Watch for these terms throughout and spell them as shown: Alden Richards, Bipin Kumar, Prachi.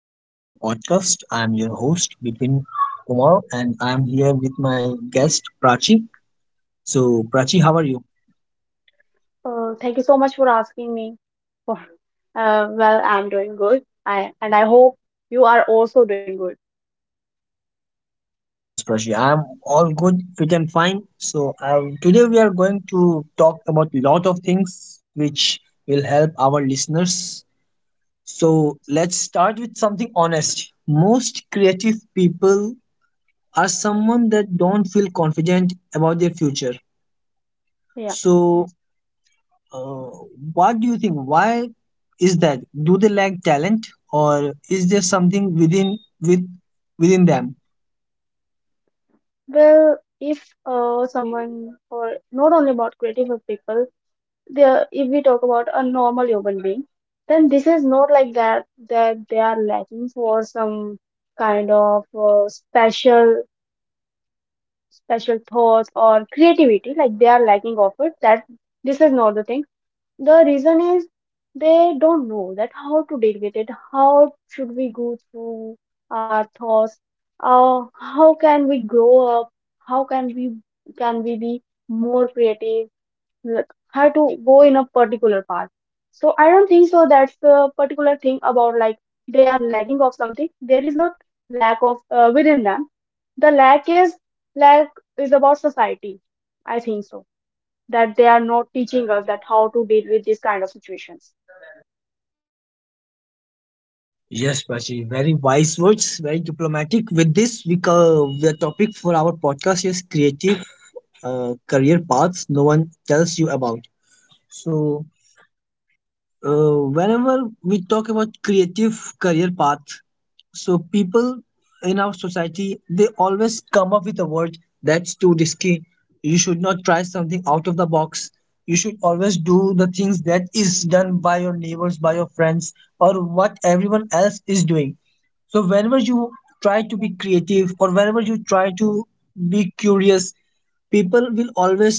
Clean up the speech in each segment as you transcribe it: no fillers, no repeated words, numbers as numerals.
welcome to my podcast. I'm your host Bipin Kumar, and I'm here with my guest Prachi. So Prachi, how are you? Thank you so much for asking me. For, well, I'm doing good. I and I hope you are also doing good. Yes, Prachi, I'm all good, fit and fine. So today we are going to talk about lot of things which will help our listeners. So let's start with something honest. Most creative people are someone that don't feel confident about their future. Yeah. So Uh, what do you think? Why is that? Do they lack talent, or is there something within them? Well, if someone, or not only about creative people, if we talk about a normal human being, then this is not like that that they are lacking for some kind of special thoughts or creativity. Like they are lacking of it. That this is not the thing. The reason is they don't know that how to deal with it. How should we go through our thoughts? How can we grow up? How can we, can we be more creative? Like, how to go in a particular path? So I don't think so. That's the particular thing about like they are lacking of something. There is not lack of within them. The lack is, lack is about society. I think so that they are not teaching us that how to deal with these kind of situations. Yes, Prachi, very wise words, very diplomatic. With this, the topic for our podcast is creative career paths no one tells you about. So, whenever we talk about creative career path, so people in our society they always come up with a word that's too risky. You should not try something out of the box. You should always do the things that is done by your neighbors, by your friends, or what everyone else is doing. So whenever you try to be creative or whenever you try to be curious, people will always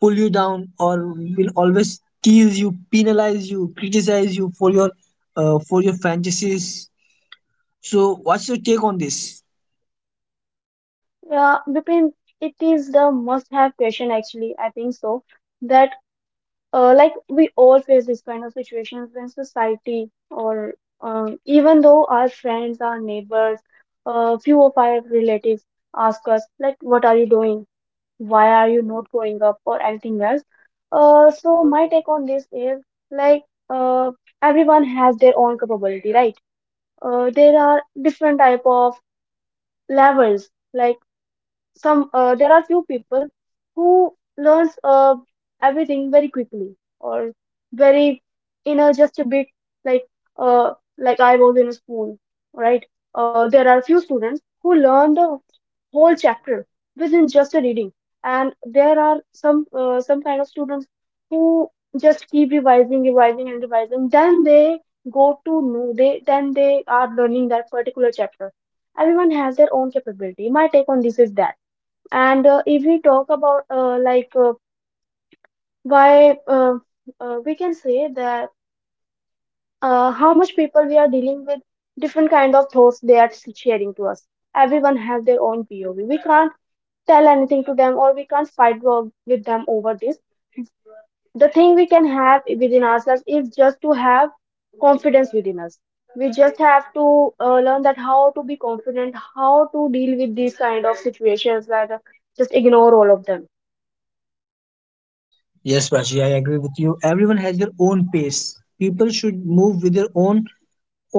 pull you down or will always tease you, penalize you, criticize you for your fantasies. So what's your take on this? Yeah, Vipin, it is the must-have question, actually. I think so. That like we all face this kind of situations when society or even though our friends, our neighbors, few of our relatives ask us like, "What are you doing? Why are you not growing up or anything else?" So my take on this is, like, uh everyone has their own capability, right? There are different type of levels. Like some, there are few people who learns, everything very quickly or very, you know, just a bit. Like, uh like I was in a school, right? There are few students who learn the whole chapter within just a reading, and there are some, some kind of students who just keep revising, revising and revising, then they go to know they then they are learning that particular chapter. Everyone has their own capability. My take on this is that, and if we talk about, like why we can say that, how much people we are dealing with, different kind of thoughts they are sharing to us. Everyone has their own POV. We can't tell anything to them, or we can't with them over this. The thing we can have within ourselves is just to have confidence within us. We just have to learn that how to be confident, how to deal with these kind of situations. That just ignore all of them. Yes, Prachi, I agree with you. Everyone has their own pace. People should move with their own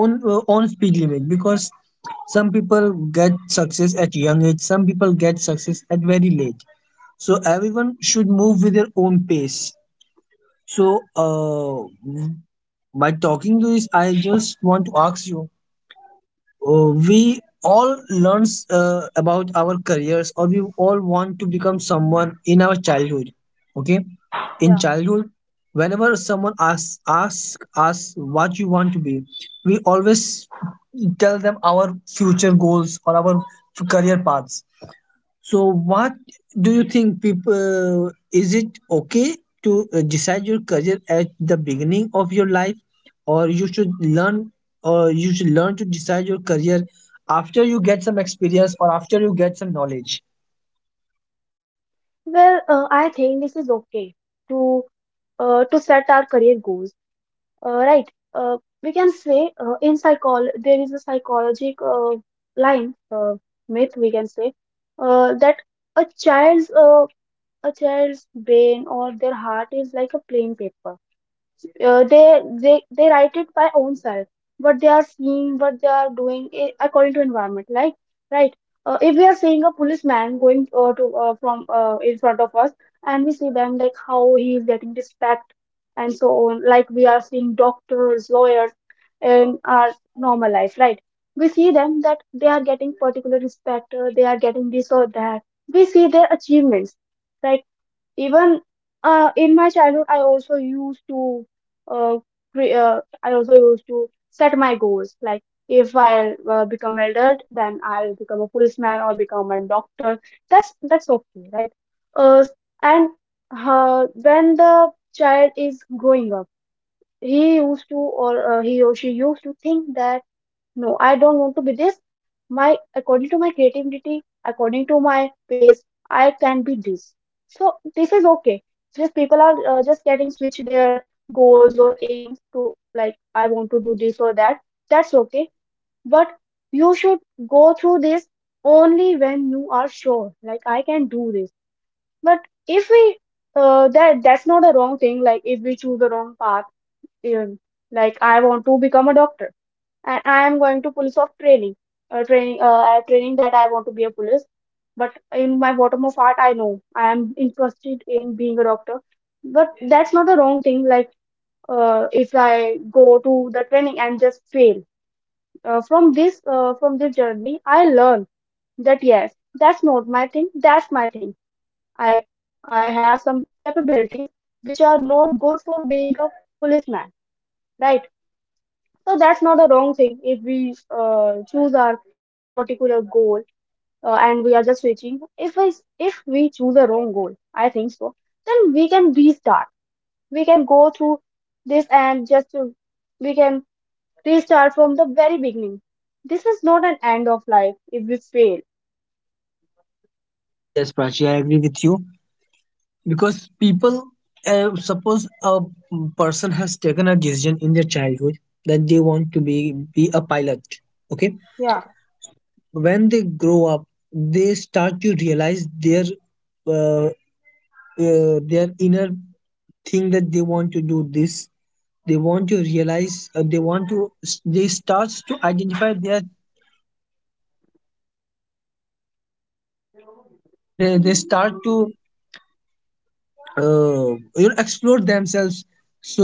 own speed limit, because some people get success at young age, some people get success at very late. So everyone should move with their own pace. So, by talking to this, I just want to ask you. We all learns about our careers, or we all want to become someone in our childhood. Okay, in Yeah. childhood, whenever someone asks ask us what you want to be, we always tell them our future goals or career paths. So, what do you think, people, is it okay to decide your career at the beginning of your life, or you should learn to decide your career after you get some experience or after you get some knowledge? Well, I think this is okay to to set our career goals. Uh, right. Uh, we can say, in psychol there is a psychological line myth, we can say, that a child's uh, a child's brain or their heart is like a plain paper. They write it by own self, what they are seeing, what they are doing, according to environment, like, right? If we are seeing a policeman going, to from in front of us, and we see them like how he is getting respect and so on. Like we are seeing doctors, lawyers in our normal life, right? We see them that they are getting particular respect. They are getting this or that. We see their achievements, right? Even in my childhood, I also used to uh, I also used to set my goals. Like if I become adult, then I'll become a policeman or become a doctor. That's okay, right? Uh, and When the child is growing up, he used to, or he or she used to think that no, I don't want to be this. My according to my creativity, according to my pace, I can be this. So this is okay. Just people are just getting switch their goals or aims to, like, I want to do this or that. That's okay. But you should go through this only when you are sure. Like I can do this. But if we that that's not a wrong thing. Like if we choose the wrong path, um, like I want to become a doctor and I am going to police of training, training that I want to be a police. But in my bottom of heart, I know I am interested in being a doctor. But that's not the wrong thing. Like if I go to the training and just fail, from this journey, I learn that yes, that's not my thing. That's my thing. I I have some capabilities which are not good for being a policeman, right? So that's not a wrong thing if we choose our particular goal, and we are just reaching. If we choose a wrong goal, I think so. Then we can restart. We can go through this and just we can restart from the very beginning. This is not an end of life if we fail. Yes, Prachi, I agree with you, because people, suppose a person has taken a decision in their childhood that they want to be a pilot. Okay, Yeah, when they grow up, they start to realize their inner thing, that they want to do this, they want to realize, they want to, they starts to identify their, so they start to uh, you know, explore themselves. So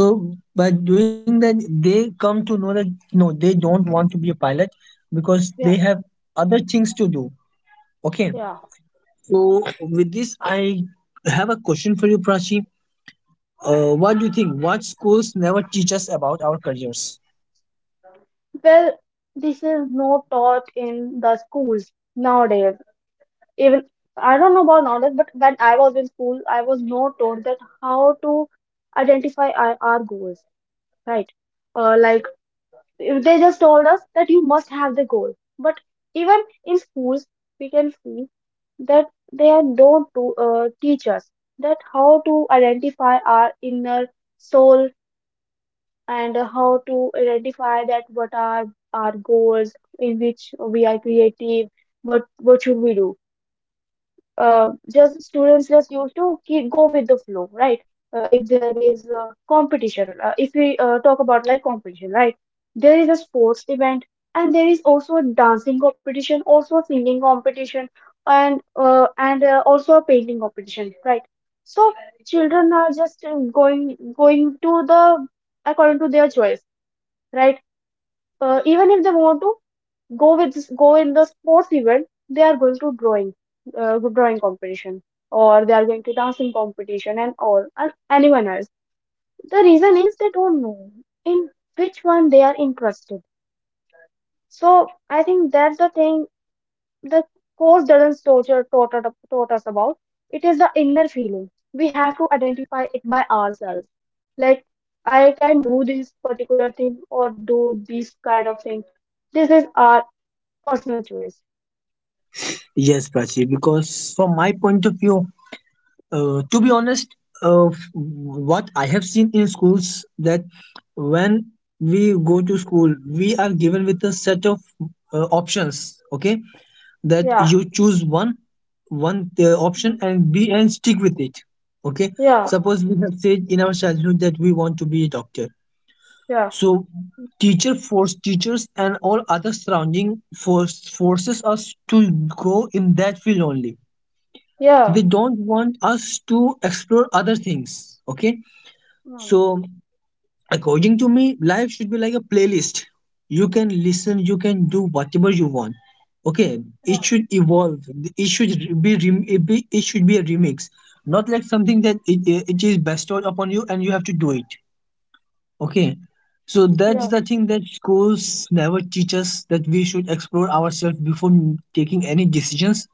by doing that they come to know that no, they don't want to be a pilot, because yeah, they have other things to do. Okay, yeah. so with this I have a question for you, Prachi. What do you think, what schools never teach us about our careers? Well, this is not taught in the schools nowadays. Even I don't know about nowadays, but when I was in school, I was not taught that how to identify our goals, right? Like if they just told us that you must have the goal, but even in schools, we can see that they are don't to, teach us that how to identify our inner soul, and how to identify that what are our goals in which we are creative, what should we do? Just students just used to keep go with the flow, right? If there is a competition, if we talk about like competition, right? There is a sports event, and there is also a dancing competition, also a singing competition, and also a painting competition, right? So children are just going to the according to their choice, right? Even if they want to go in the sports event, they are going to drawing, drawing competition, or they are going to dancing competition and all and anyone else. The reason is they don't know in which one they are interested. So I think that's the thing. The course doesn't torture taught, taught us about, it is the inner feeling we have to identify it by ourselves. Like I can do this particular thing or do this kind of thing. This is our personal choice. Yes, Prachi, because from my point of view, to be honest, what I have seen in schools, that when we go to school, we are given with a set of options. Okay, that Yeah. you choose one option Mm. and be and stick with it. Okay, Yeah, suppose we have said in our childhood that we want to be a doctor. yeah, So teachers and all other surrounding forces us to go in that field only. yeah, They don't want us to explore other things. Okay, mm, so according to me, life should be like a playlist. You can listen, you can do whatever you want. Okay, yeah, it should evolve, it should be it should be a remix, not like something that it is bestowed upon you and you have to do it. Okay, so that's yeah, the thing that schools never teach us, that we should explore ourselves before taking any decisions.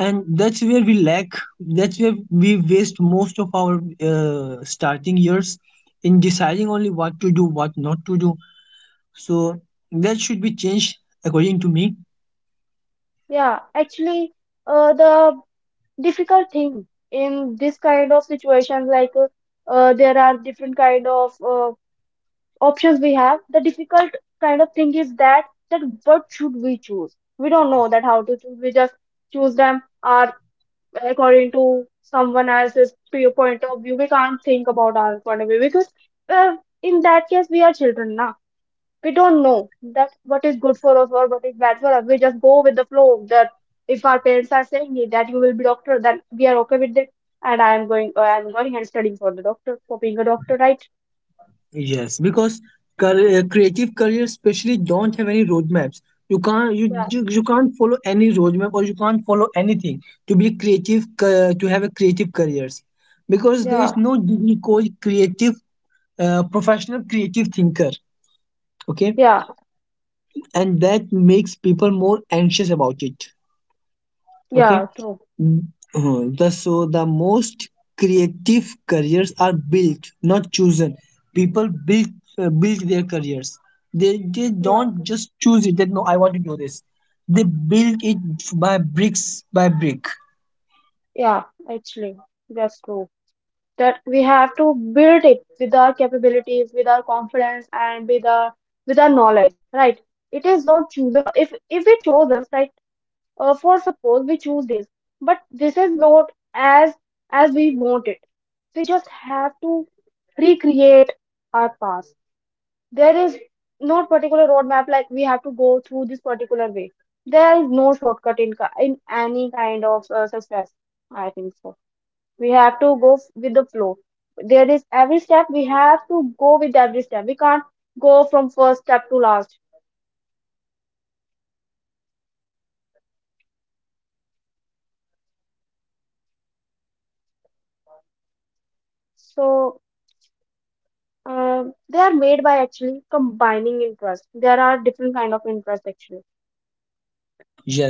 And that's where we lack, that's where we waste most of our starting years in deciding only what to do, what not to do. So that should be changed, according to me. yeah. Actually, the difficult thing in this kind of situations, like, there are different kind of options we have. The difficult kind of thing is that that what should we choose? We don't know that how to choose. We just choose them or according to someone else's point of view. We can't think about our point of view because, uh, in that case we are children, na, we don't know that what is good for us or what is bad for us. We just go with the flow, that if our parents are saying it, that you will be doctor, then we are okay with it, and I am going and studying for the doctor, for being a doctor, right? Yes, because creative careers especially don't have any roadmaps. You can't, you, Yeah, you you can't follow any roadmap or you can't follow anything to be creative to have a creative careers, because there yeah, is no degree called creative professional creative thinker. Okay, yeah, and that makes people more anxious about it. Okay. yeah, true. Mm, the so the most creative careers are built, not chosen. People build, build their careers, they Yeah, don't just choose it that no, I want to do this. They build it by bricks, by brick. yeah, actually, that's true. That we have to build it with our capabilities, with our confidence, and with our knowledge, right? It is not chosen. If we chose us, right? For suppose we choose this, but this is not as as we want it. We just have to recreate our past. There is no particular roadmap, like we have to go through this particular way. There is no shortcut in any kind of success, I think so. We have to with the flow. There is every step, we have to go with every step. We can't go from first step to last. So Uh, they are made by actually combining interest. There are different kind of interest, actually.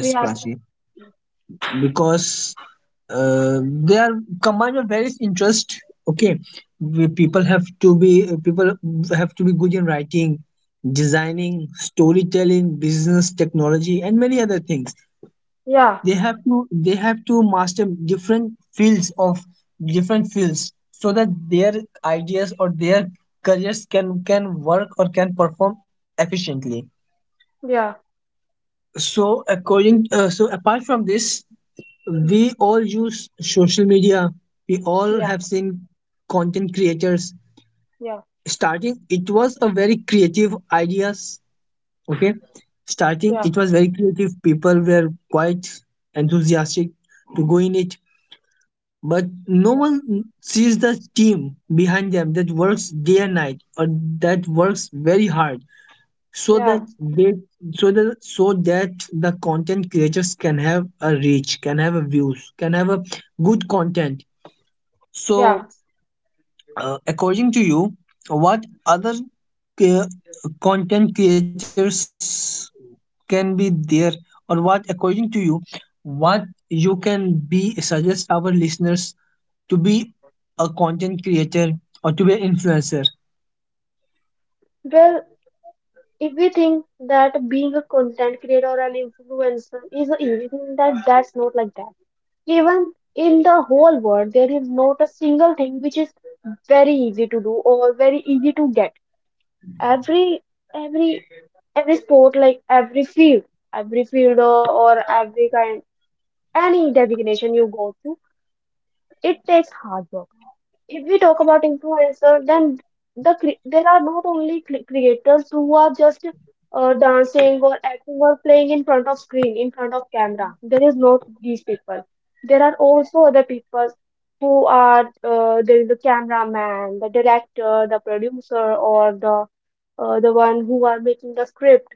We have, Prachi, because they are combined with various interest. Okay. People have to be, people have to be good in writing, designing, storytelling, business, technology, and many other things. yeah, They have to, they have to master different fields of different fields, so that their ideas or their careers can work or can perform efficiently. yeah, So according, so apart from this, we all use social media. We all yeah, have seen content creators. yeah, Starting, it was a very creative ideas. Okay, starting yeah, it was very creative. People were quite enthusiastic to go in it, but no yeah, one sees the team behind them that works day and night, or that works very hard, so yeah, that they, so that, so that the content creators can have a reach, can have a views, can have a good content. yeah. So according to you, what other uh, content creators can be there, or what, according to you, what you can be suggest our listeners to be a content creator or to be an influencer? Well, if we think that being a content creator or an influencer is an easy thing, that that's not like that. Even in the whole world, there is not a single thing which is very easy to do or very easy to get. every every every sport, like every field, every field or, or every kind, any designation you go to, it takes hard work. If we talk about influencer, then there are not only creators who are just dancing or acting or playing in front of screen, in front of camera. There is not these people. There are also other people who are, there is the cameraman, the director, the producer, or the one who are making the script,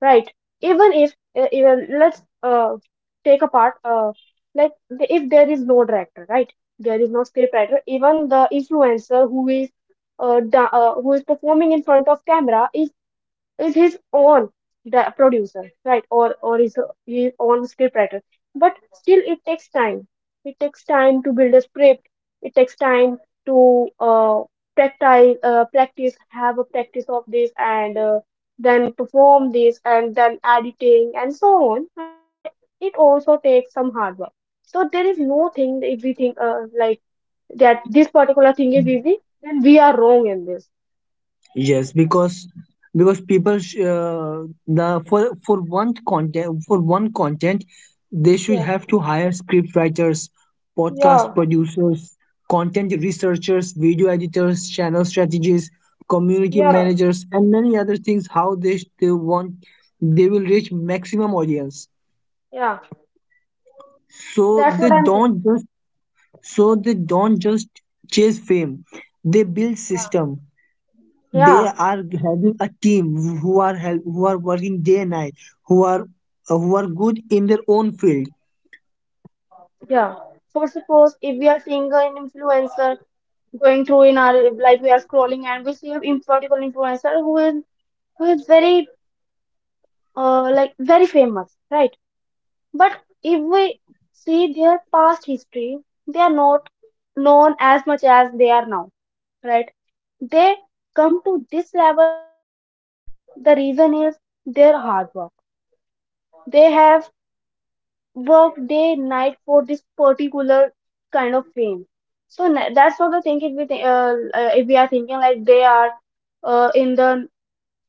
right? Even if even let's take apart if there is no director, right? There is no script writer. Even the influencer who is who is performing in front of camera is his own the producer, right? His own scriptwriter, but still it takes time. It takes time to build a script. It takes time to practice, have a practice of this, and then perform this, and then editing and so on. Like, it also takes some hard work. So there is no thing that if we think that this particular thing is easy, then we are wrong in this. Yes, because people sh- the for one content, for one content they should Yeah, have to hire script writers, podcast yeah, producers, content researchers, video editors, channel strategies, community yeah, managers, and many other things. How they want, they will reach maximum audience. yeah. So That's they what I'm saying. don't just, so they don't just chase fame. They build Yeah, system, they yeah, are having a team who are help, who are working day and night, who are, who are good in their own field. yeah. For suppose if we are seeing an influencer going through in our, like we are scrolling and we see particular influencer who is very, like, very famous, right? But if we see their past history, they are not known as much as they are now, right? They come to this level of fame. The reason is their hard work. They have work day night for this particular kind of fame. So that's not the thing if if we are thinking like they are in the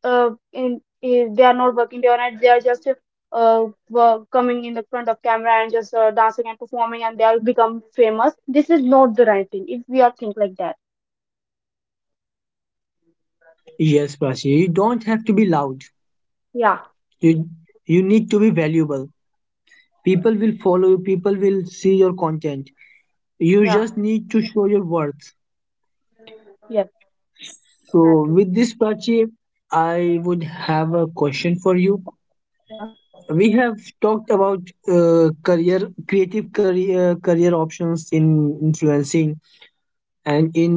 in eh, they are not working day or night, they are just coming in the front of camera and just dancing and performing and they are become famous. This is not the right thing if we are think like that. Yes, Prachi, you don't have to be loud, Yeah, you you need to be valuable. People will follow you, people will see your content, you yeah, just need to show your worth. yes, So that's true, with this, Prachi, I would have a question for you. yeah, We have talked about career, creative career, career options in influencing, and in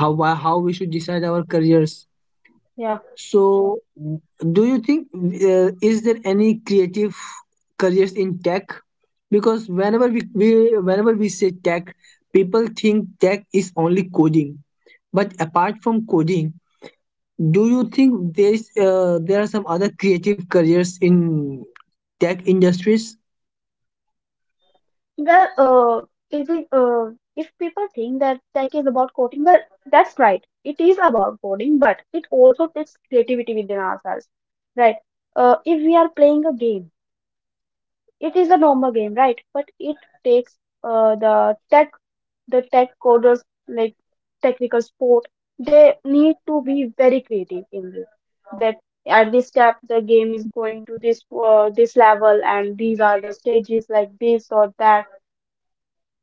how how we should decide our careers. yeah. So do you think, is there any creative careers in tech? Because whenever we, whenever we say tech, people think tech is only coding. But apart from coding, do you think there is, there are some other creative careers in tech industries? Well, if we, if people think that tech is about coding, well, that's right. It is about coding, but it also takes creativity within ourselves, right? If we are playing a game, it is a normal game, right? But it takes uh, the tech, the tech coders, like technical support, they need to be very creative in this. That at this step, the game is going to this level, and these are the stages like this or that.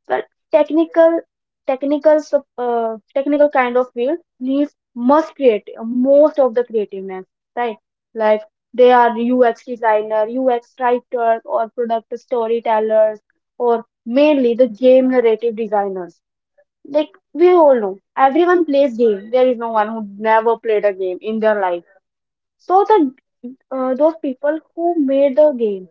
Well, technical, technical kind of field needs must create most of the creativeness, right? Like they are UX designer, UX writers, or product storytellers, or mainly the game narrative designers. Like we all know, everyone plays game. There is no one who never played a game in their life. So the those people who made the game,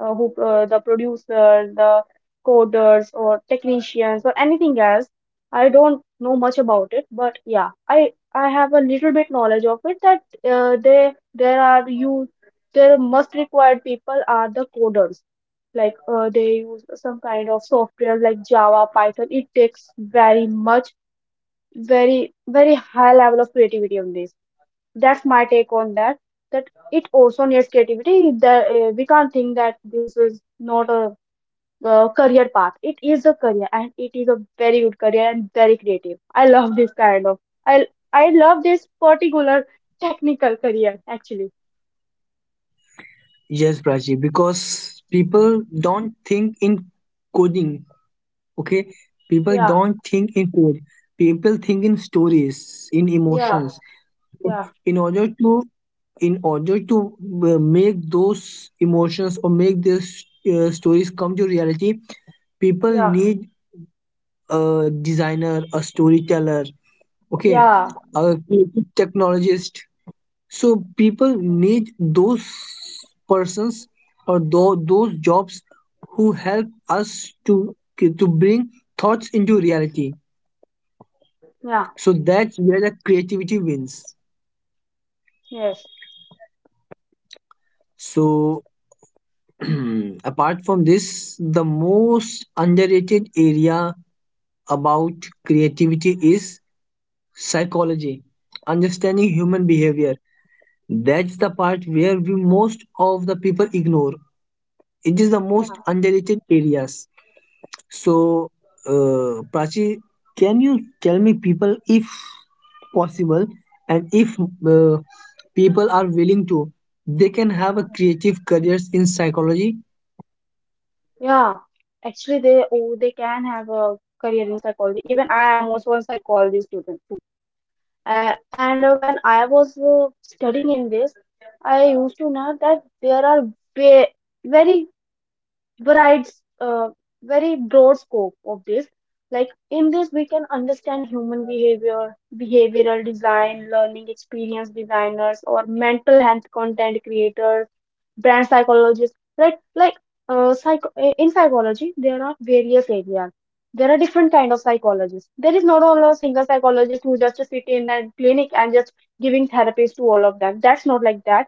who the producers, the coders, or technicians, or anything else. I don't know much about it, but yeah, I have a little bit knowledge of it that they there are you there must required people are the coders. Like they use some kind of software like Java, Python. It takes very much, very very high level of creativity on this. That's my take on that, that it also needs creativity. The, we can't think that this is not a career path. It is a career and it is a very good career and very creative. I love this kind of, i I love this particular technical career actually. Yes, Prachi, because people don't think in coding. Okay, people Yeah, don't think in code. People think in stories, in yeah, emotions. yeah, In order to, in order to make those emotions or make these stories come to reality, people yeah, need a designer, a storyteller. Okay, yeah, a creative technologist. So people need those persons, or those jobs who help us to to bring thoughts into reality. yeah, So that's where the creativity wins. yes. So apart from this, the most underrated area about creativity is psychology, understanding human behavior. That's the part where we, most of the people ignore. It is the most Yeah, underrated areas. So, Prachi, can you tell me, people, if possible, and if uh, people are willing to, they can have a creative careers in psychology? yeah, actually, they, oh, they can have a career in psychology. Even I am also a psychology student. And When I was studying in this, I used to know that there are ve- very varied, uh, very broad scope of this. Like in this, we can understand human behavior, behavioral design, learning experience designers, or mental health content creators, brand psychologists, right? Like in psychology there are various areas. There are different kind of psychologists. There is not all a single psychologist who just sit in a clinic and just giving therapies to all of them. That's not like that.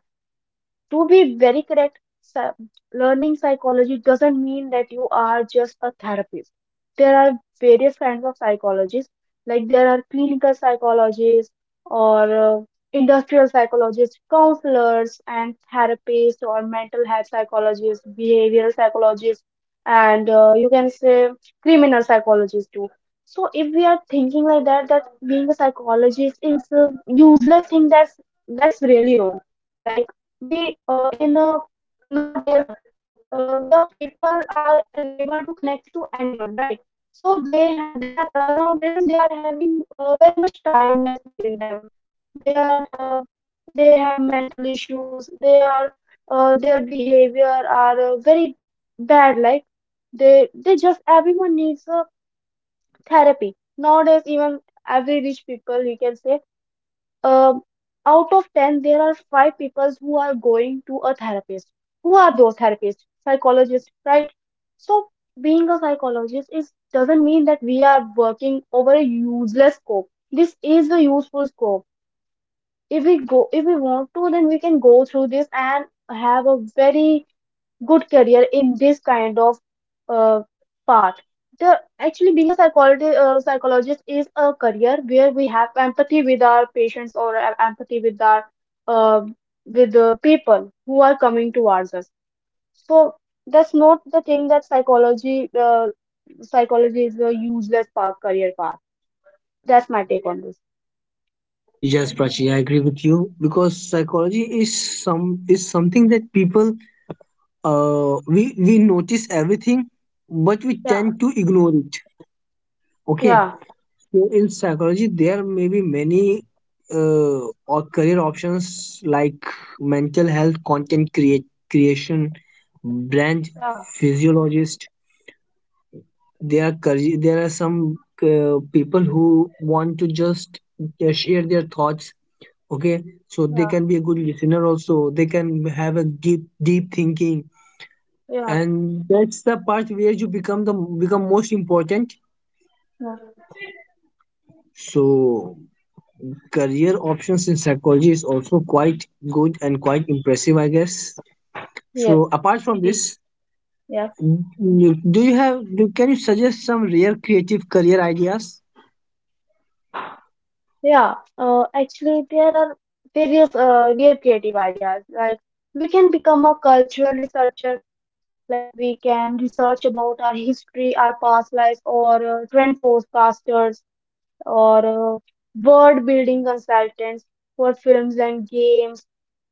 To be very correct, learning psychology doesn't mean that you are just a therapist. There are various kinds of psychologists, like there are clinical psychologists, or industrial psychologists, counselors, and therapists, or mental health psychologists, behavioral psychologists, and you can say criminal psychologists too. So if we are thinking like that, that being a psychologist is a useless thing, that's really wrong. Like we in nowadays, the people are unable to connect to anyone, right? So they are, nowadays they are having very much tiredness within them. They are they have mental issues, they are their behavior are very bad. Like they just everyone needs a therapy nowadays. Even every rich people, you can say, um, out of 10, there are five people who are going to a therapist. Who are those therapists? Psychologists, right? So being a psychologist is doesn't mean that we are working over a useless scope. This is a useful scope. If we go, if we want to, then we can go through this and have a very good career in this kind of uh, path. The actually being a psychologist, psychologist is a career where we have empathy with our patients, or empathy with our uh, with the people who are coming towards us. So that's not the thing that psychology is a useless path, career path. That's my take on this. Yes, Prachi, I agree with you, because psychology is some, is something that people, we notice everything, but we Yeah, tend to ignore it. Okay, yeah, so in psychology there may be many or career options, like mental health, content create creation, brand yeah, physiologist. There are career, there are some people who want to just share their thoughts. Okay, so they yeah, can be a good listener also. They can have a deep thinking, yeah, and that's the part where you become most important. yeah. So career options in psychology is also quite good and quite impressive, I guess. Yes, So apart from it is. this, Yeah. Do you have, do, can you suggest some rare creative career ideas? Yeah, actually, there are various real creative ideas. Like we can become a cultural researcher, like we can research about our history, our past lives, or trend forecasters, or uh, world building consultants for films and games.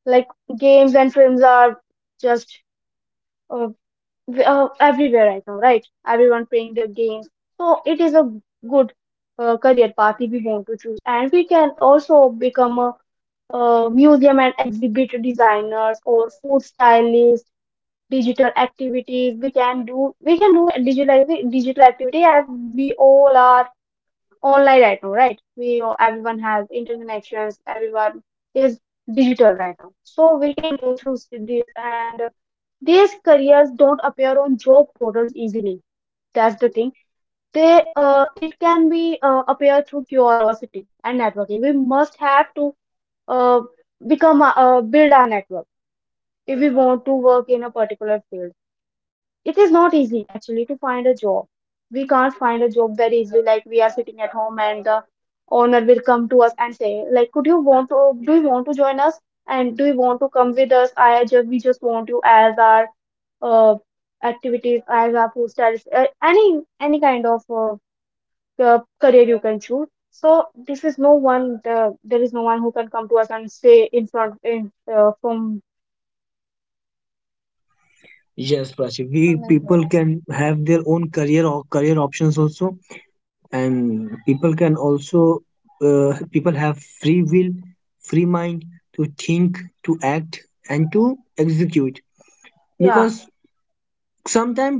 Like games and films are just uh, everywhere right now, right? Everyone playing their games. So it is a good career path if we want to choose. And we can also become a, uh, museum and exhibit designers or food stylists, digital activities. We can do, we can do digital activity as we all are online right now, right? Everyone has interconnections. Everyone is digital right now, so we can go through this. And these careers don't appear on job portals easily. That's the thing. They, it can be appear through curiosity and networking. We must have to uh, become a, build our network if we want to work in a particular field. It is not easy actually to find a job. We can't find a job very easily. Like we are sitting at home and the owner will come to us and say, like, could you want to, do you want to join us? And do you want to come with us? I just we just want you as our uh, activities as our food stylist, any kind of career you can choose. So this is no one. The, there is no one who can come to us and say in front in from. Yes, Prachi, we, people can have their own career or career options also, and people can also, people have free will, free mind to think, to act, and to Yeah, execute, because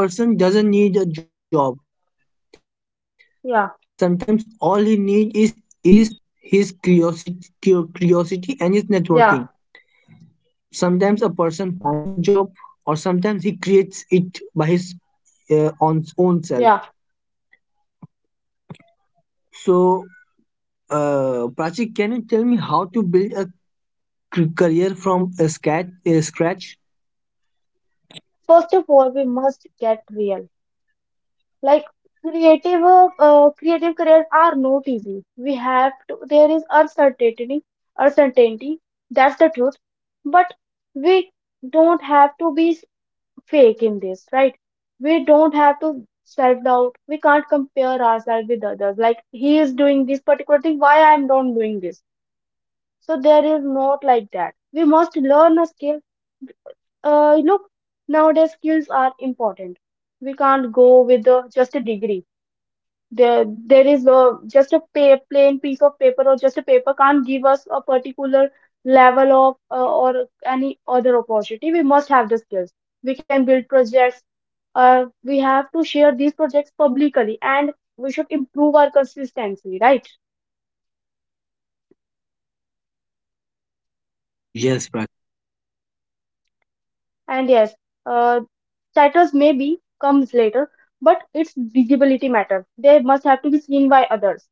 sometimes a, a person doesn't need a job. yeah, Sometimes all he needs is his curiosity, curiosity and his networking. yeah, Sometimes a person finds a job, or sometimes he creates it by his on own self. yeah. So, Prachik, can you tell me how to build a career from a scratch? A scratch? First of all, we must get real. Like creative, creative careers are not easy. We have to. There is uncertainty, uncertainty. That's the truth. But we don't have to be fake in this, right? We don't have to self doubt. We can't compare ourselves with others. Like he is doing this particular thing, why I'm not doing this? So there is not like that. We must learn a skill. Look, nowadays skills are important. We can't go with just a degree. There is a, just a pa plain piece of paper or just a paper can't give us a particular level of or any other opportunity. We must have the skills. We can build projects. We have to share these projects publicly, and we should improve our consistency, right? Yes, Pra- And yes, uh, titles maybe comes later, but its visibility matter. They must have to be seen by others.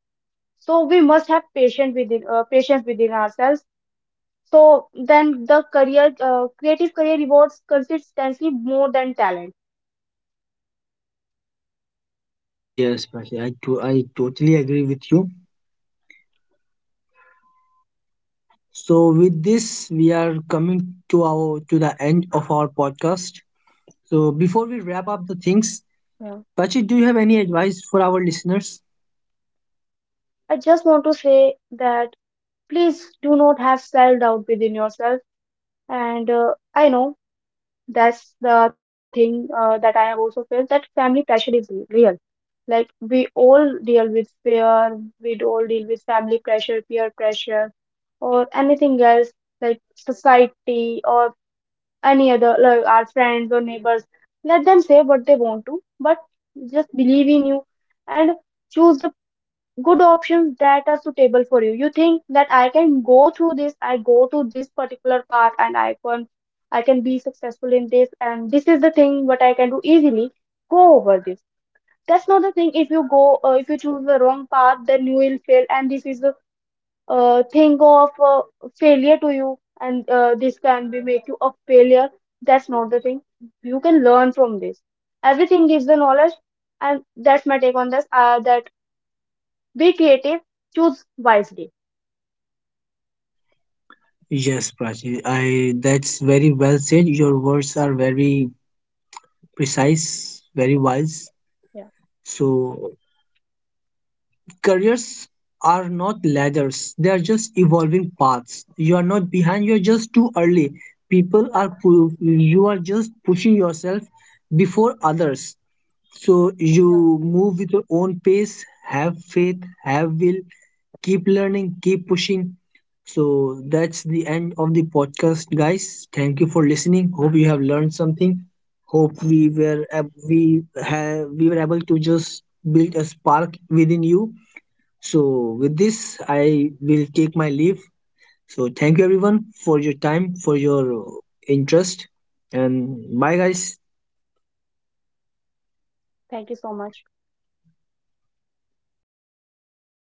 So we must have patience within, patience within ourselves. So then the career, creative career rewards consistently more than talent. yes, Prachik. I totally agree with you. So with this, we are coming to our, to the end of our podcast. So before we wrap up the things, Yeah. Prachi, do you have any advice for our listeners? I just want to say that please do not have self doubt within yourself. And I know that's the thing that I have also felt that family pressure is real. Like we all deal with fear, we all deal with family pressure, peer pressure, or anything else like society or any other like our friends or neighbors. Let them say what they want to, but just believe in you and choose the good options that are suitable for you. You think that I can go through this, I go to this particular path and I can be successful in this, and this is the thing what I can do easily. Go over this. That's not the thing. If you go, if you choose the wrong path, then you will fail, and this is the think of failure to you, and this can be make you a failure. That's not the thing. You can learn from this. Everything gives the knowledge. And that's my take on this, that be creative, choose wisely. Yes, Prachi, I, that's very well said. Your words are very precise, very wise. Yeah, So careers are not ladders, they are just evolving paths. You are not behind, you're just too early. yeah, People are you are just pushing yourself before others. So yeah. you move with your own pace, have faith, have will, keep learning, keep pushing. So that's the end of the podcast, guys. Thank you for listening. Hope you have learned something. Hope we were we were able to just build a spark within you. So with this, I will take my leave. So thank you everyone for your time, for your interest, and bye, guys. Thank you so much.